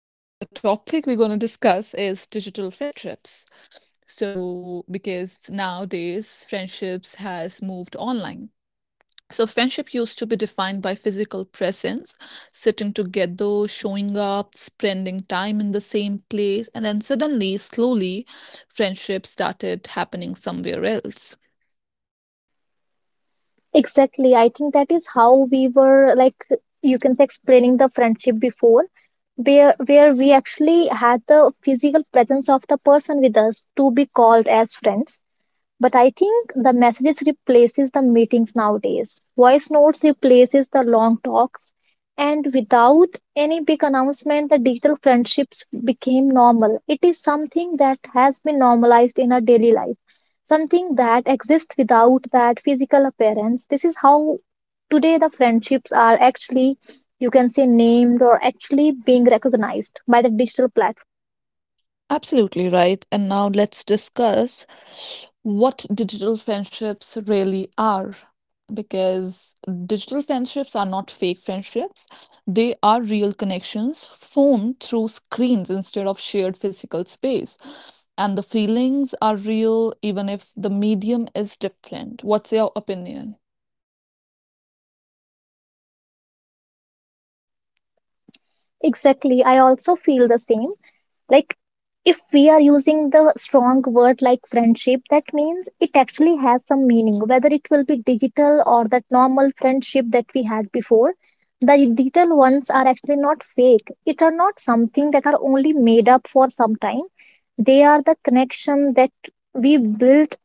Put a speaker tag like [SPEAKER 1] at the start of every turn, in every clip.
[SPEAKER 1] Hello. So, the topic we're going to discuss is digital friendships. So, because nowadays friendships has moved online. So, friendship used to be defined by physical presence, sitting together, showing up, spending time in the same place, and then suddenly, slowly, friendship started happening somewhere else.
[SPEAKER 2] Exactly. I think that is how we were like you can say explaining the friendship before, where we actually had the physical presence of the person with us to be called as friends, but I think the messages replaces the meetings nowadays. Voice notes replaces the long talks, and without any big announcement the digital friendships became normal. It is something that has been normalized in our daily life, something that exists without that physical appearance. This is how today the friendships are actually, you can say, named or actually being recognized by the digital platform.
[SPEAKER 1] Absolutely right. And now let's discuss what digital friendships really are. Because digital friendships are not fake friendships, they are real connections formed through screens instead of shared physical space. And the feelings are real, even if the medium is different. What's your opinion?
[SPEAKER 2] Exactly, I also feel the same. Like, if we are using the strong word like friendship, that means it actually has some meaning, whether it will be digital or that normal friendship that we had before. The digital ones are actually not fake, it are not something that are only made up for some time. They are the connection that we built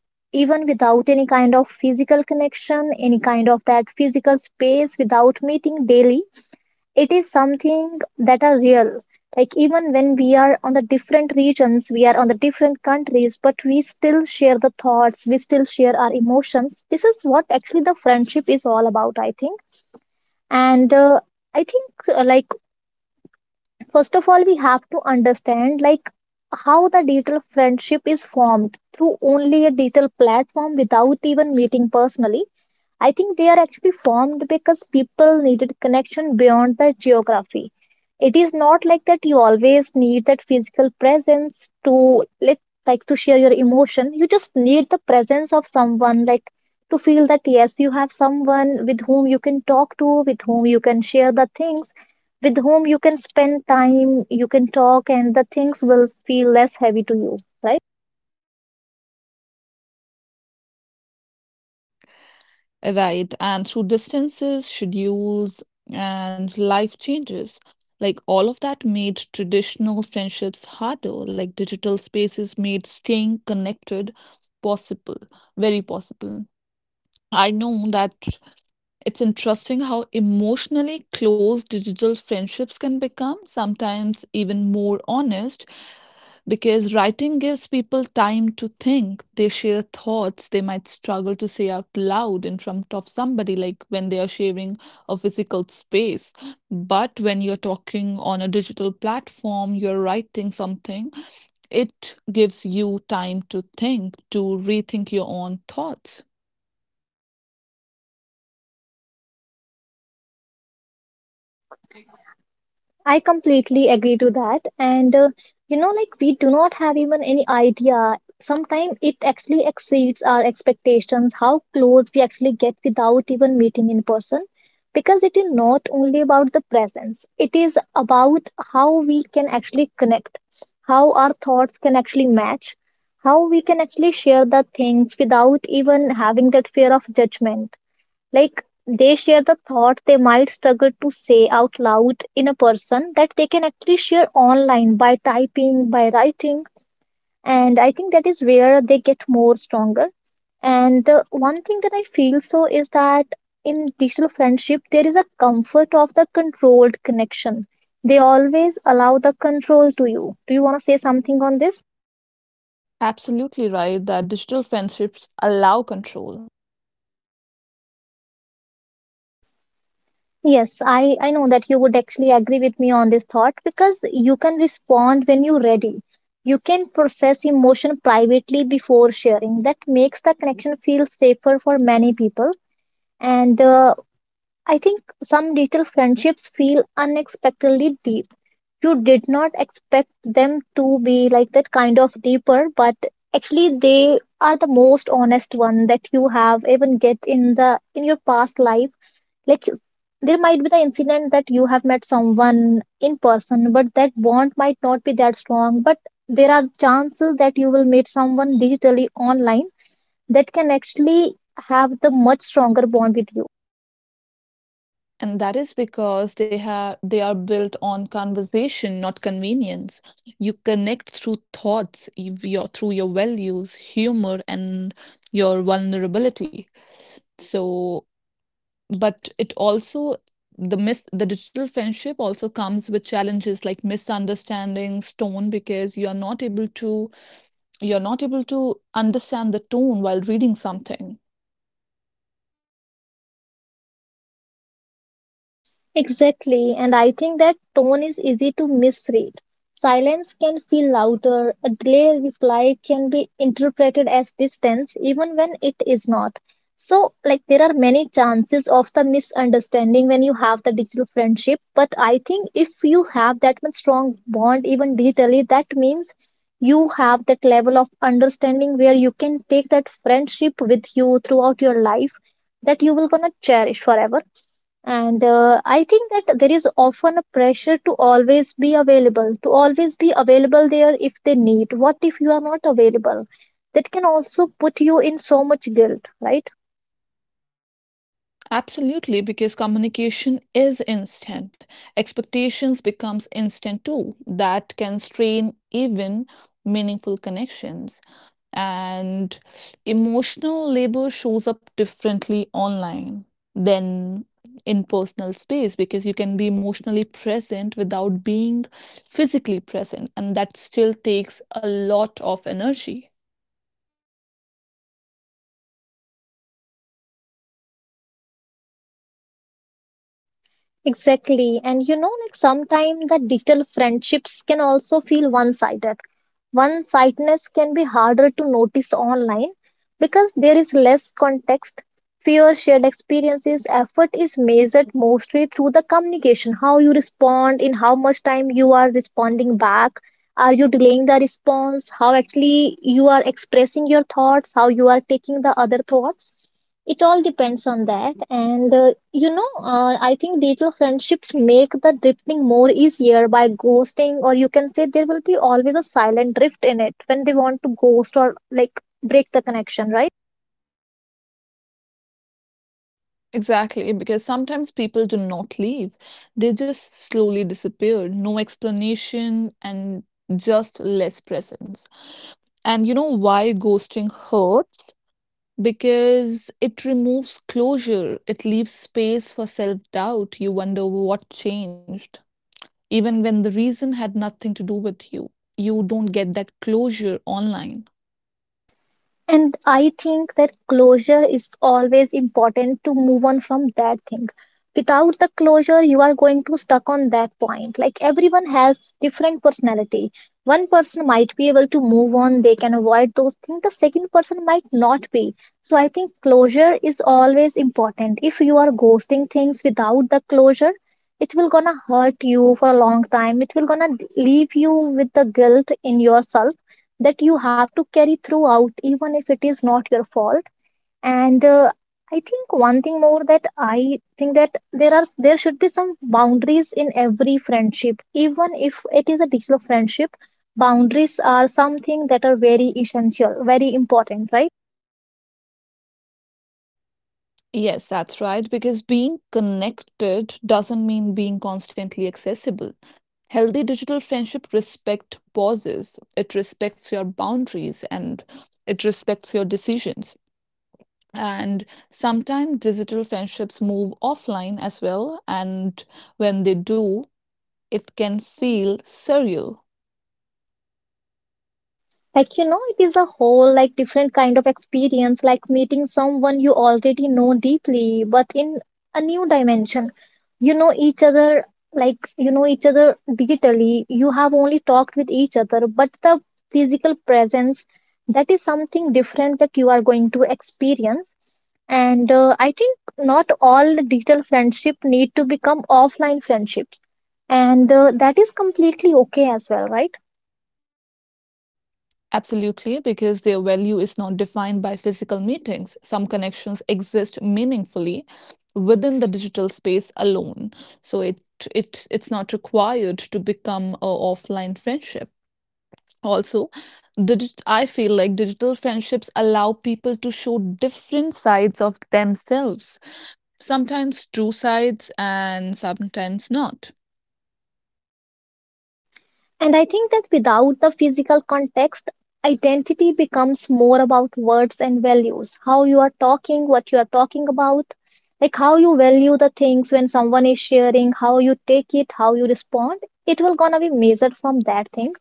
[SPEAKER 2] even without any kind of physical connection, any kind of that physical space, without meeting daily. It is something that are real. Like even when we are on the different regions, we are on the different countries, but we still share the thoughts, we still share our emotions. This is what actually the friendship is all about, I think. And I think like, first of all we have to understand like how the digital friendship is formed through only a digital platform without even meeting personally. I think they are actually formed because people needed connection beyond the geography. It is not like that you always need that physical presence to let, like, to share your emotion. You just need the presence of someone, like, to feel that yes, you have someone with whom you can talk to, with whom you can share the things, with whom you can spend time, you can talk, and the things will feel less heavy to you, right?
[SPEAKER 1] Right, and through distances, schedules, and life changes, like all of that made traditional friendships harder. Like digital spaces made staying connected possible, very possible. I know that it's interesting how emotionally close digital friendships can become, sometimes even more honest, because writing gives people time to think. They share thoughts they might struggle to say out loud in front of somebody, like when they are sharing a physical space. But when you're talking on a digital platform, you're writing something, it gives you time to think, to rethink your own thoughts.
[SPEAKER 2] I completely agree to that. And you know, like, we do not have even any idea. Sometimes it actually exceeds our expectations, how close we actually get without even meeting in person. Because it is not only about the presence, it is about how we can actually connect, how our thoughts can actually match, how we can actually share the things without even having that fear of judgment. Like, they share the thought they might struggle to say out loud in a person that they can actually share online by typing, by writing. And I think that is where they get more stronger. And one thing that I feel so is that in digital friendship, there is a comfort of the controlled connection. They always allow the control to you. Do you want to say something on this?
[SPEAKER 1] Absolutely right that digital friendships allow control.
[SPEAKER 2] Yes, I know that you would actually agree with me on this thought, because you can respond when you're ready. You can process emotion privately before sharing. That makes the connection feel safer for many people. And I think some little friendships feel unexpectedly deep. You did not expect them to be like that kind of deeper, but actually they are the most honest one that you have even get in your past life. Like, there might be the incident that you have met someone in person but that bond might not be that strong, but there are chances that you will meet someone digitally online that can actually have the much stronger bond with you.
[SPEAKER 1] And that is because they are built on conversation, not convenience. You connect through thoughts, you- your through your values, humor, and your vulnerability. So, but it also the digital friendship also comes with challenges like misunderstandings, tone, because you're not able to understand the tone while reading something.
[SPEAKER 2] Exactly, and I think that tone is easy to misread. Silence can feel louder, a delayed reply can be interpreted as distance even when it is not. So, like, there are many chances of the misunderstanding when you have the digital friendship, but I think if you have that much strong bond, even digitally, that means you have that level of understanding where you can take that friendship with you throughout your life, that you will gonna cherish forever. And I think that there is often a pressure to always be available, to always be available there if they need. What if you are not available? That can also put you in so much guilt, right?
[SPEAKER 1] Absolutely, because communication is instant. Expectations becomes instant too. That can strain even meaningful connections. And emotional labor shows up differently online than in personal space because you can be emotionally present without being physically present, and that still takes a lot of energy.
[SPEAKER 2] Exactly. And you know, like, sometimes the digital friendships can also feel one sided. One sidedness can be harder to notice online because there is less context, fewer shared experiences. Effort is measured mostly through the communication: how you respond, in how much time you are responding back, are you delaying the response, how actually you are expressing your thoughts, how you are taking the other thoughts. It all depends on that. And I think digital friendships make the drifting more easier by ghosting, or you can say there will be always a silent drift in it when they want to ghost or like break the connection, right?
[SPEAKER 1] Exactly, because sometimes people do not leave. They just slowly disappear. No explanation and just less presence. And you know why ghosting hurts? Because it removes closure, it leaves space for self doubt. You wonder what changed even when the reason had nothing to do with you. You don't get that closure online.
[SPEAKER 2] And I think that closure is always important to move on from that thing. Without the closure, you are going to stuck on that point. Like, everyone has different personality. One person might be able to move on, they can avoid those things. The second person might not be. So I think closure is always important. If you are ghosting things without the closure, it will gonna hurt you for a long time. It will gonna leave you with the guilt in yourself that you have to carry throughout, even if it is not your fault. And I think one thing more that I think, that there should be some boundaries in every friendship, even if it is a digital friendship. Boundaries are something that are very essential, very important, right?
[SPEAKER 1] Yes, that's right, because being connected doesn't mean being constantly accessible. Healthy digital friendship respect pauses, it respects your boundaries and it respects your decisions. And sometimes digital friendships move offline as well, and when they do, it can feel surreal.
[SPEAKER 2] Like, you know, it is a whole like different kind of experience, like meeting someone you already know deeply but in a new dimension. You know each other, like you know each other digitally, you have only talked with each other, but the physical presence, that is something different that you are going to experience. And I think not all digital friendship need to become offline friendships, and that is completely okay as well, right?
[SPEAKER 1] Absolutely, because their value is not defined by physical meetings. Some connections exist meaningfully within the digital space alone. So it's not required to become a offline friendship. Also, I feel like digital friendships allow people to show different sides of themselves. Sometimes true sides and sometimes not.
[SPEAKER 2] And I think that without the physical context, identity becomes more about words and values. How you are talking, what you are talking about, like how you value the things when someone is sharing, how you take it, how you respond. It will gonna be measured from that thing.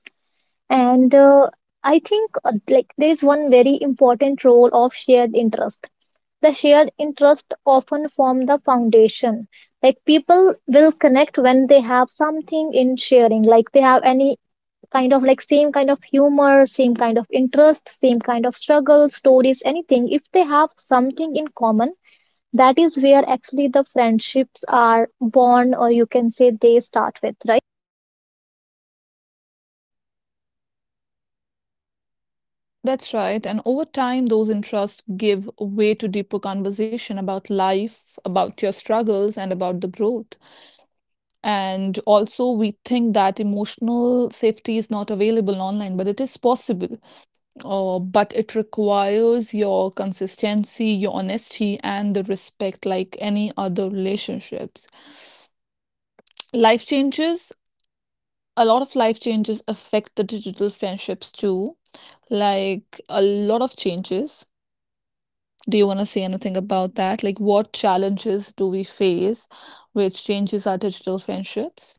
[SPEAKER 2] And I think like, there is one very important role of shared interest. The shared interest often form the foundation. Like, people will connect when they have something in sharing, like they have any kind of like same kind of humor, same kind of interest, same kind of struggle stories, anything. If they have something in common, that is where actually the friendships are born, or you can say they start with.
[SPEAKER 1] That's right. And over time, those interests give way to deeper conversation about life, about your struggles, and about the growth. And also, we think that emotional safety is not available online, but it is possible. But it requires your consistency, your honesty, and the respect like any other relationships. Life changes, a lot of life changes affect the digital friendships too, like a lot of changes. Do you want to say anything about that? Like, what challenges do we face which changes our digital friendships?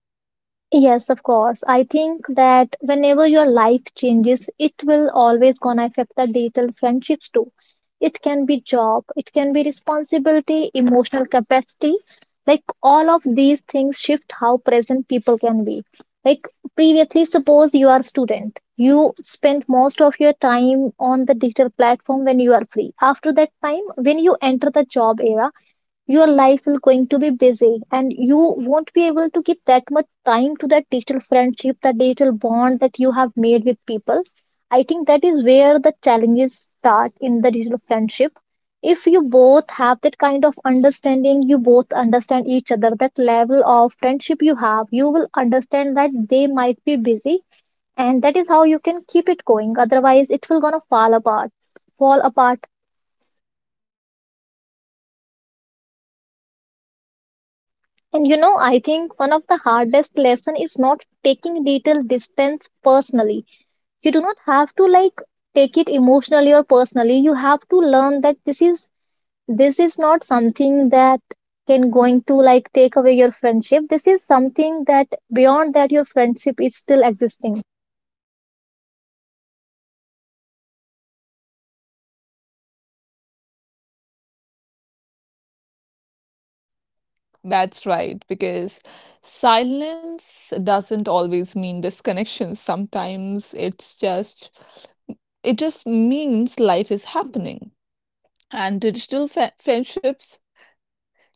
[SPEAKER 2] Yes, of course. I think that whenever your life changes, it will always gonna affect the digital friendships too. It can be job, it can be responsibility, emotional capacity. Like, all of these things shift how present people can be. Like, previously, suppose you are a student. You spend most of your time on the digital platform when you are free. After that time, when you enter the job era, your life will going to be busy and you won't be able to give that much time to that digital friendship, that digital bond that you have made with people. I think that is where the challenges start in the digital friendship. If you both have that kind of understanding, you both understand each other, that level of friendship you have, you will understand that they might be busy and that is how you can keep it going. Otherwise, it will gonna fall apart. Fall apart And you know, I think one of the hardest lesson is not taking little distance personally. You do not have to, like, take it emotionally or personally. You have to learn that this is not something that can going to like take away your friendship. This is something that beyond that your friendship is still existing.
[SPEAKER 1] That's right, because silence doesn't always mean disconnection. Sometimes it just means life is happening. And friendships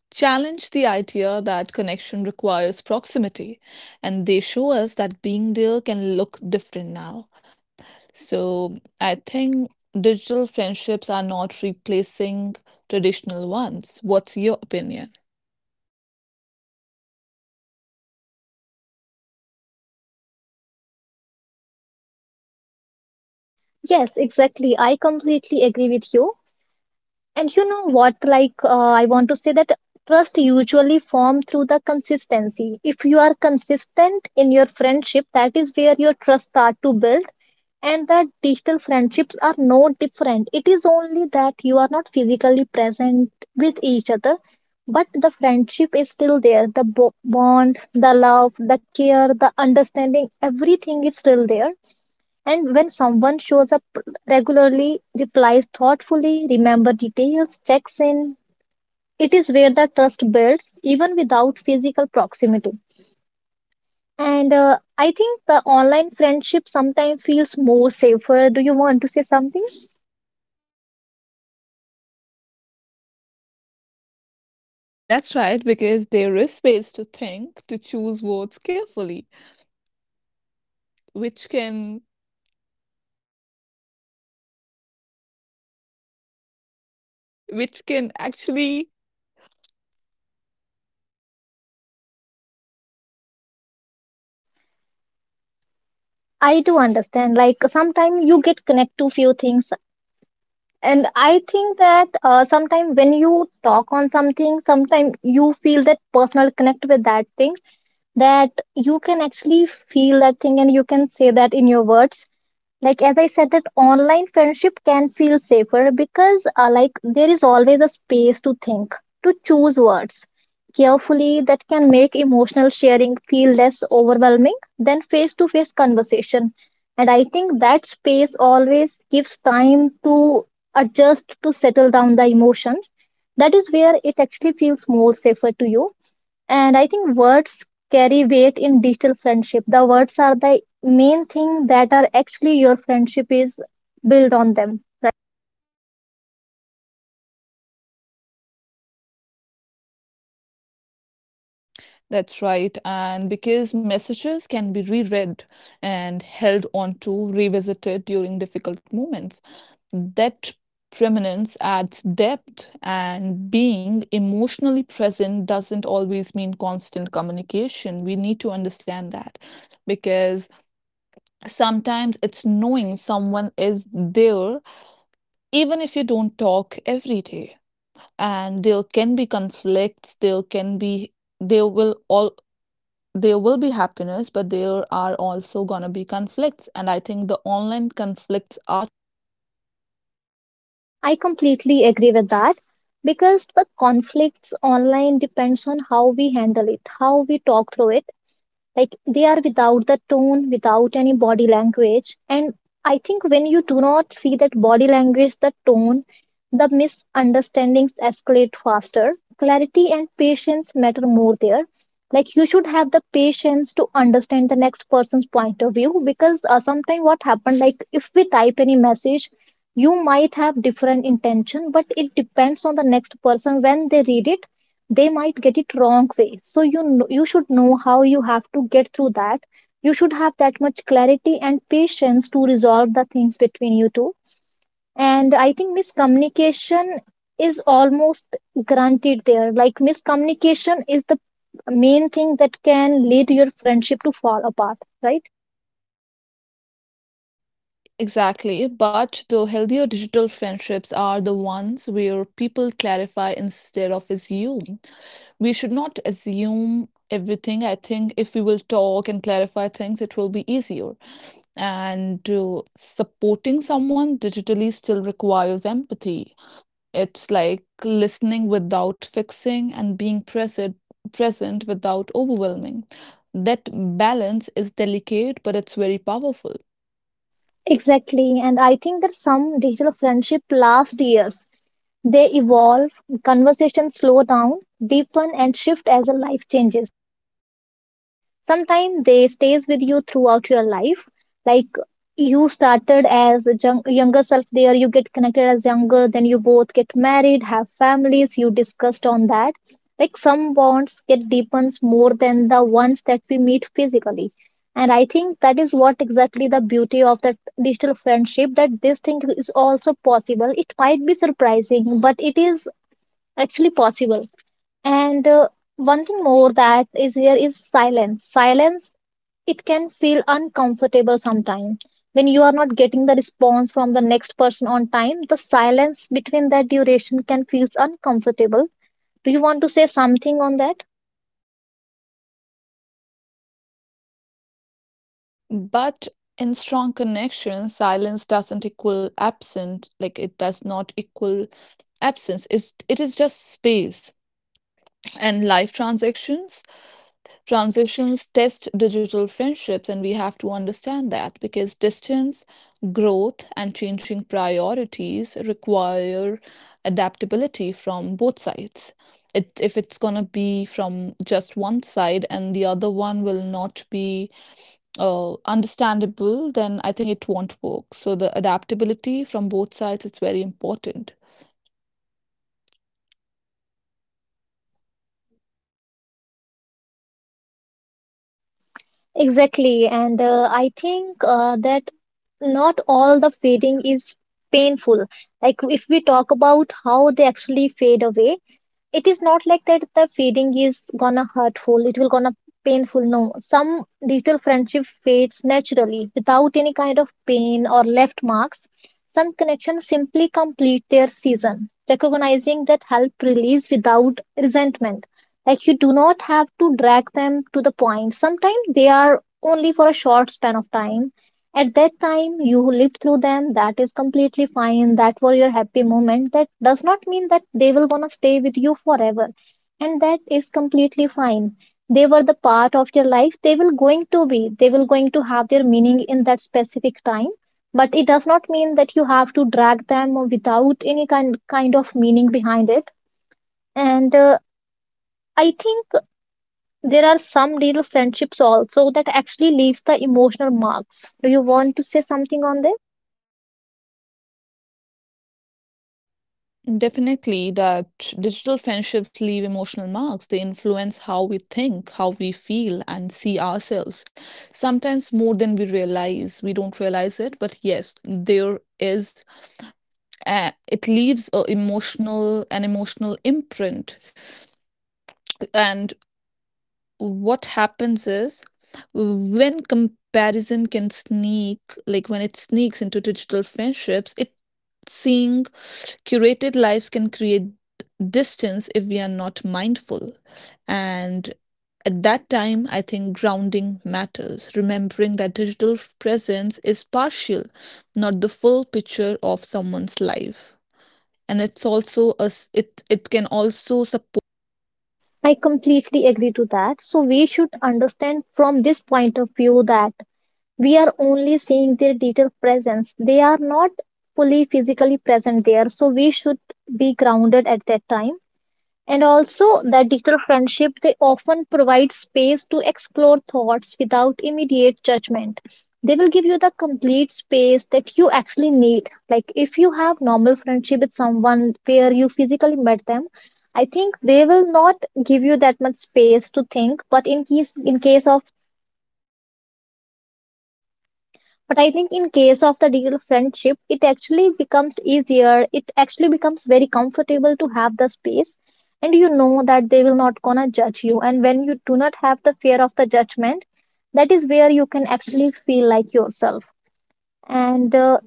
[SPEAKER 1] challenge the idea that connection requires proximity, and they show us that being there can look different now. So I think digital friendships are not replacing traditional ones. What's your opinion?
[SPEAKER 2] Yes, exactly. I completely agree with you. And you know what? Like, I want to say that trust usually form through the consistency. If you are consistent in your friendship, that is where your trust start to build. And the digital friendships are no different. It is only that you are not physically present with each other, but the friendship is still there. The bond, the love, the care, the understanding, everything is still there. And when someone shows up regularly, replies thoughtfully, remembers details, checks in, it is where the trust builds even without physical proximity. And I think the online friendship sometimes feels more safer. Do you want to say something?
[SPEAKER 1] That's right, because there is space to think, to choose words carefully, which can actually.
[SPEAKER 2] I do understand. Like sometimes you get connect to few things, and I think that sometimes when you talk on something, sometimes you feel that personal connect with that thing that you can actually feel that thing and you can say that in your words, like as I said that online friendship can feel safer because like there is always a space to think, to choose words carefully that can make emotional sharing feel less overwhelming than face to face conversation. And I think that space always gives time to adjust, to settle down the emotions. That is where it actually feels more safer to you. And I think words carry weight in digital friendship. The words are the main thing that are actually your friendship is built on them.
[SPEAKER 1] That's right. And because messages can be reread and held onto, revisited during difficult moments, that permanence adds depth, and being emotionally present doesn't always mean constant communication. We need to understand that because sometimes it's knowing someone is there, even if you don't talk every day. And there can be conflicts, there will all there will be happiness, but there are also gonna be conflicts. And I think the online conflicts are tricky.
[SPEAKER 2] I completely agree with that because the conflicts online depends on how we handle it, how we talk through it. Like they are without the tone, without any body language, and I think when you do not see that body language, the tone, the misunderstandings escalate faster. Clarity and patience matter more there. Like you should have the patience to understand the next person's point of view, because sometimes what happened, like if we type any message, you might have different intention but it depends on the next person. When they read it, they might get it wrong way. So you should know how you have to get through that. You should have that much clarity and patience to resolve the things between you two. And I think miscommunication is almost granted there. Like miscommunication is the main thing that can lead your friendship to fall apart, right?
[SPEAKER 1] Exactly. But the healthier digital friendships are the ones where people clarify instead of assume. We should not assume everything. I think if we will talk and clarify things, it will be easier. And supporting someone digitally still requires empathy. It's like listening without fixing and being present without overwhelming. That balance is delicate, but it's very powerful.
[SPEAKER 2] Exactly, and I think that some digital friendship last years. They evolve, conversations slow down, deepen and shift as a life changes. Sometimes they stays with you throughout your life. Like you started as a younger self there. You get connected as younger, then you both get married, have families, you discussed on that. Like some bonds get deepens more than the ones that we meet physically. And I think that is what exactly the beauty of the digital friendship, that this thing is also possible. It might be surprising, but it is actually possible. And one thing more that is here is silence. Silence, it can feel uncomfortable sometimes. When you are not getting the response from the next person on time, the silence between that duration can feel uncomfortable. Do you want to say something on that?
[SPEAKER 1] But in strong connections, silence doesn't equal absent, like it does not equal absence. It is just space. And life transactions transitions test digital friendships, and we have to understand that because distance, growth, and changing priorities require adaptability from both sides. It, if it's going to be from just one side and the other one will not be understandable, then I think it won't work. So, the adaptability from both sides is very important.
[SPEAKER 2] Exactly. And I think that not all the fading is painful. Like if we talk about how they actually fade away, it is not like that the fading is gonna hurtful, it will gonna painful. No, some digital friendship fades naturally without any kind of pain or left marks. Some connections simply complete their season. Recognizing that help release without resentment. Like you do not have to drag them to the point. Sometimes they are only for a short span of time. At that time, you lived through them. That is completely fine. That were your happy moment. That does not mean that they will gonna stay with you forever, and that is completely fine. They were the part of your life. They will going to be. They will going to have their meaning in that specific time. But it does not mean that you have to drag them without any kind of meaning behind it. And I think there are some real friendships also that actually leaves the emotional marks. Do you want to say something on this?
[SPEAKER 1] Definitely, that digital friendships leave emotional marks. They influence how we think, how we feel, and see ourselves. Sometimes more than we realize. We don't realize it, but yes, there is. It leaves a emotional an emotional imprint, and what happens is when comparison can sneak, like when it sneaks into digital friendships, it seeing curated lives can create distance if we are not mindful. And at that time, I think grounding matters, remembering that digital presence is partial, not the full picture of someone's life. And it's also it can also support self
[SPEAKER 2] I
[SPEAKER 1] expression.
[SPEAKER 2] completely agree to that. So we should understand from this point of view that we are only seeing their digital presence. They are not fully physically present there. So we should be grounded at that time. And also, that digital friendship, they often provide space to explore thoughts without immediate judgment. They will give you the complete space that you actually need. Like if you have normal friendship with someone where you physically met them, I think they will not give you that much space to think. But in case of but I think in case of the real friendship, it actually becomes easier. It actually becomes very comfortable to have the space, and you know that they will not gonna judge you. And when you do not have the fear of the judgment, that is where you can actually feel like yourself. And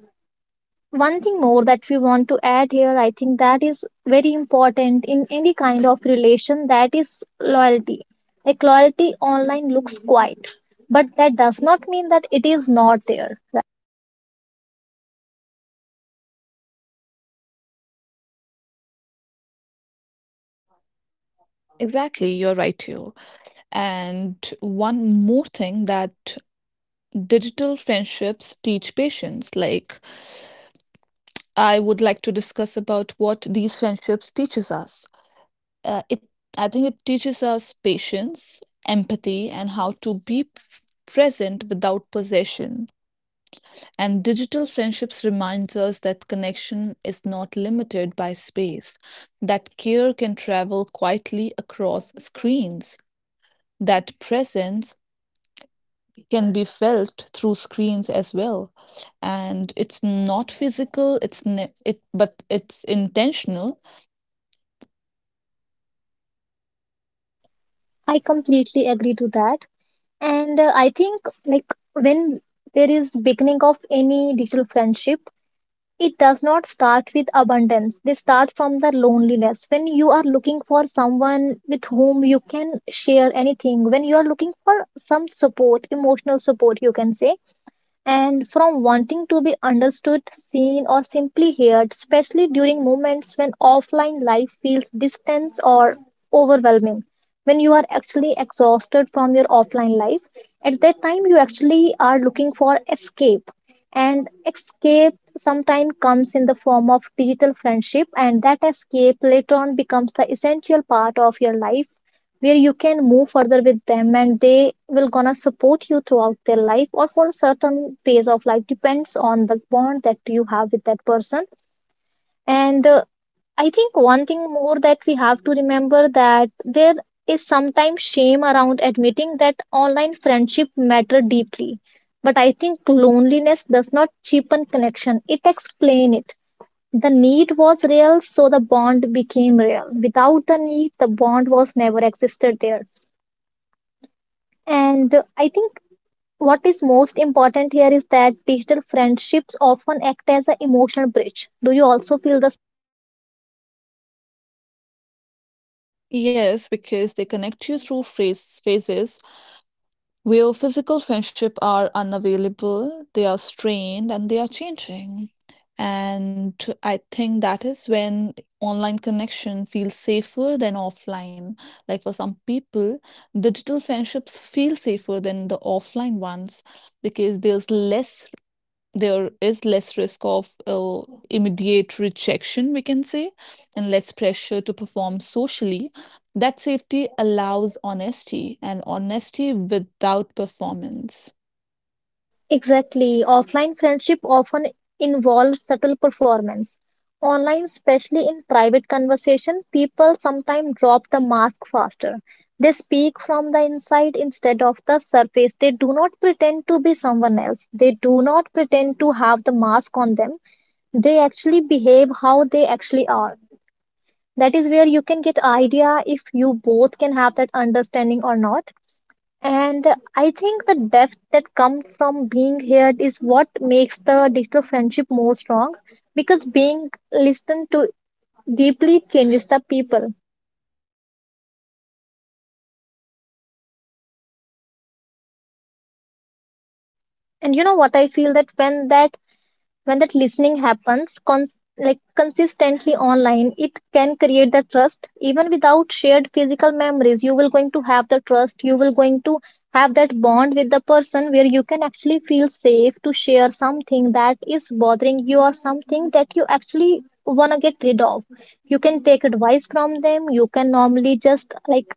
[SPEAKER 2] one thing more that we want to add here, I think that is very important in any kind of relation. That is loyalty. Like loyalty online looks quiet, but that does not mean that it is not there.
[SPEAKER 1] Exactly, you're right here. And one more thing, that digital friendships teach patience. Like I would like to discuss about what these friendships teaches us. It I think it teaches us patience, empathy, and how to be present without possession. And digital friendships reminds us that connection is not limited by space, that care can travel quietly across screens, that presence can be felt through screens as well, and it's not physical, it's ne- it but it's intentional.
[SPEAKER 2] I completely agree to that. And I think like when there is beginning of any digital friendship, it does not start with abundance. They start from the loneliness. When you are looking for someone with whom you can share anything, when you are looking for some support, emotional support, you can say, and from wanting to be understood, seen, or simply heard, especially during moments when offline life feels distant or overwhelming, when you are actually exhausted from your offline life. At that time, you actually are looking for escape, and escape sometimes comes in the form of digital friendship, and that escape later on becomes the essential part of your life where you can move further with them and they will gonna support you throughout their life or for a certain phase of life depends on the bond that you have with that person. And I think one thing more that we have to remember, that there is sometimes shame around admitting that online friendship matter deeply, but I think loneliness does not cheapen connection, it explain it. The need was real, so the bond became real. Without the need, the bond was never existed there. And I think what is most important here is that digital friendships often act as an emotional bridge. Do you also feel the
[SPEAKER 1] Yes, because they connect you through phases where physical friendship are unavailable, they are strained and they are changing. And I think that is when online connection feels safer than offline. Like for some people, digital friendships feel safer than the offline ones because there is less risk of immediate rejection, we can say, and less pressure to perform socially. That safety allows honesty and honesty without performance.
[SPEAKER 2] exactly. Offline friendship often involves subtle performance. Online, especially in private conversation, people sometimes drop the mask faster. They speak from the inside instead of the surface. They do not pretend to be someone else. They do not pretend to have the mask on them. They actually behave how they actually are. That is where you can get idea if you both can have that understanding or not. And I think the depth that comes from being heard is what makes the digital friendship more strong, because being listened to deeply changes the people. And you know what I feel, that when that listening happens like consistently online, it can create the trust even without shared physical memories. You will going to have the trust, you will going to have that bond with the person where you can actually feel safe to share something that is bothering you or something that you actually want to get rid of. You can take advice from them, you can normally just like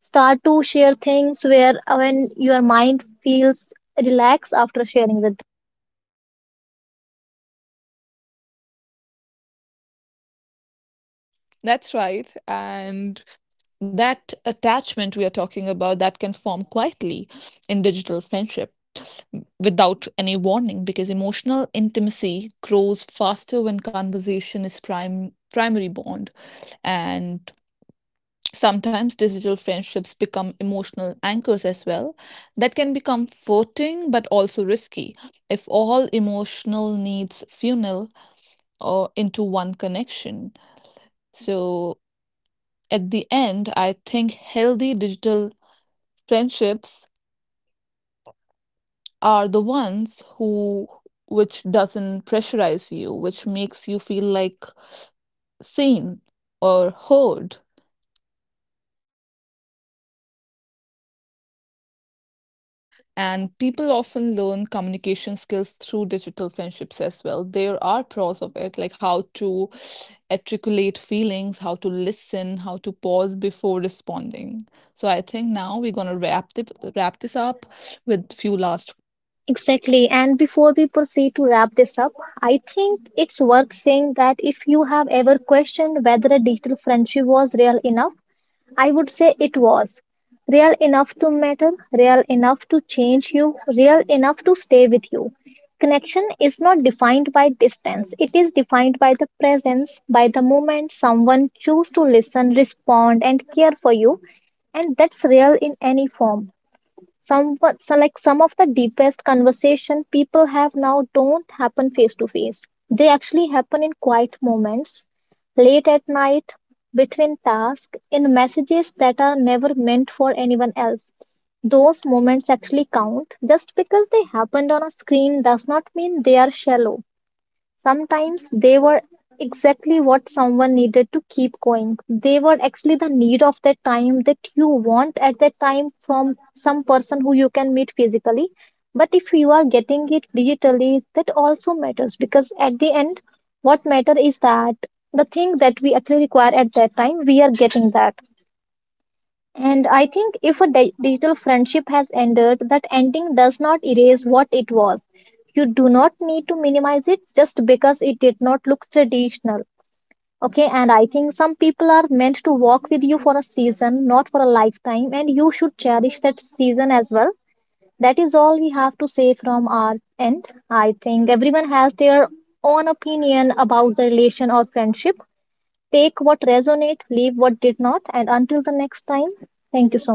[SPEAKER 2] start to share things where when your mind feels relaxed after sharing with
[SPEAKER 1] That's right. And that attachment we are talking about, that can form quietly in digital friendship without any warning, because emotional intimacy grows faster when conversation is prime primary bond. And sometimes digital friendships become emotional anchors as well. That can be comforting but also risky if all emotional needs funnel or into one connection. So at the end, I think healthy digital friendships are the ones who, which doesn't pressurize you, which makes you feel like seen or heard. And people often learn communication skills through digital friendships as well. There are pros of it, like how to articulate feelings, how to listen, how to pause before responding. So I think now we're gonna wrap this up with few last words.
[SPEAKER 2] exactly. And before we proceed to wrap this up, I think it's worth saying that if you have ever questioned whether a digital friendship was real enough, I would say it was. Real enough to matter, real enough to change you, real enough to stay with you. Connection is not defined by distance, it is defined by the presence, by the moment someone chooses to listen, respond, and care for you. And that's real in any form. Some so like some of the deepest conversation people have now don't happen face to face. They actually happen in quiet moments, late at night, between tasks, in messages that are never meant for anyone else. Those moments actually count. Just because they happened on a screen does not mean they are shallow. Sometimes they were exactly what someone needed to keep going. They were actually the need of that time that you want at that time from some person who you can meet physically. But if you are getting it digitally, that also matters because at the end, what matter is that the thing that we actually require at that time, we are getting that. And I think if a digital friendship has ended, that ending does not erase what it was. You do not need to minimize it just because it did not look traditional. Okay, and I think some people are meant to walk with you for a season, not for a lifetime, and you should cherish that season as well. That is all we have to say from our end. I think everyone has their own opinion about the relation or friendship. Take what resonate, leave what did not, and until the next time, thank you so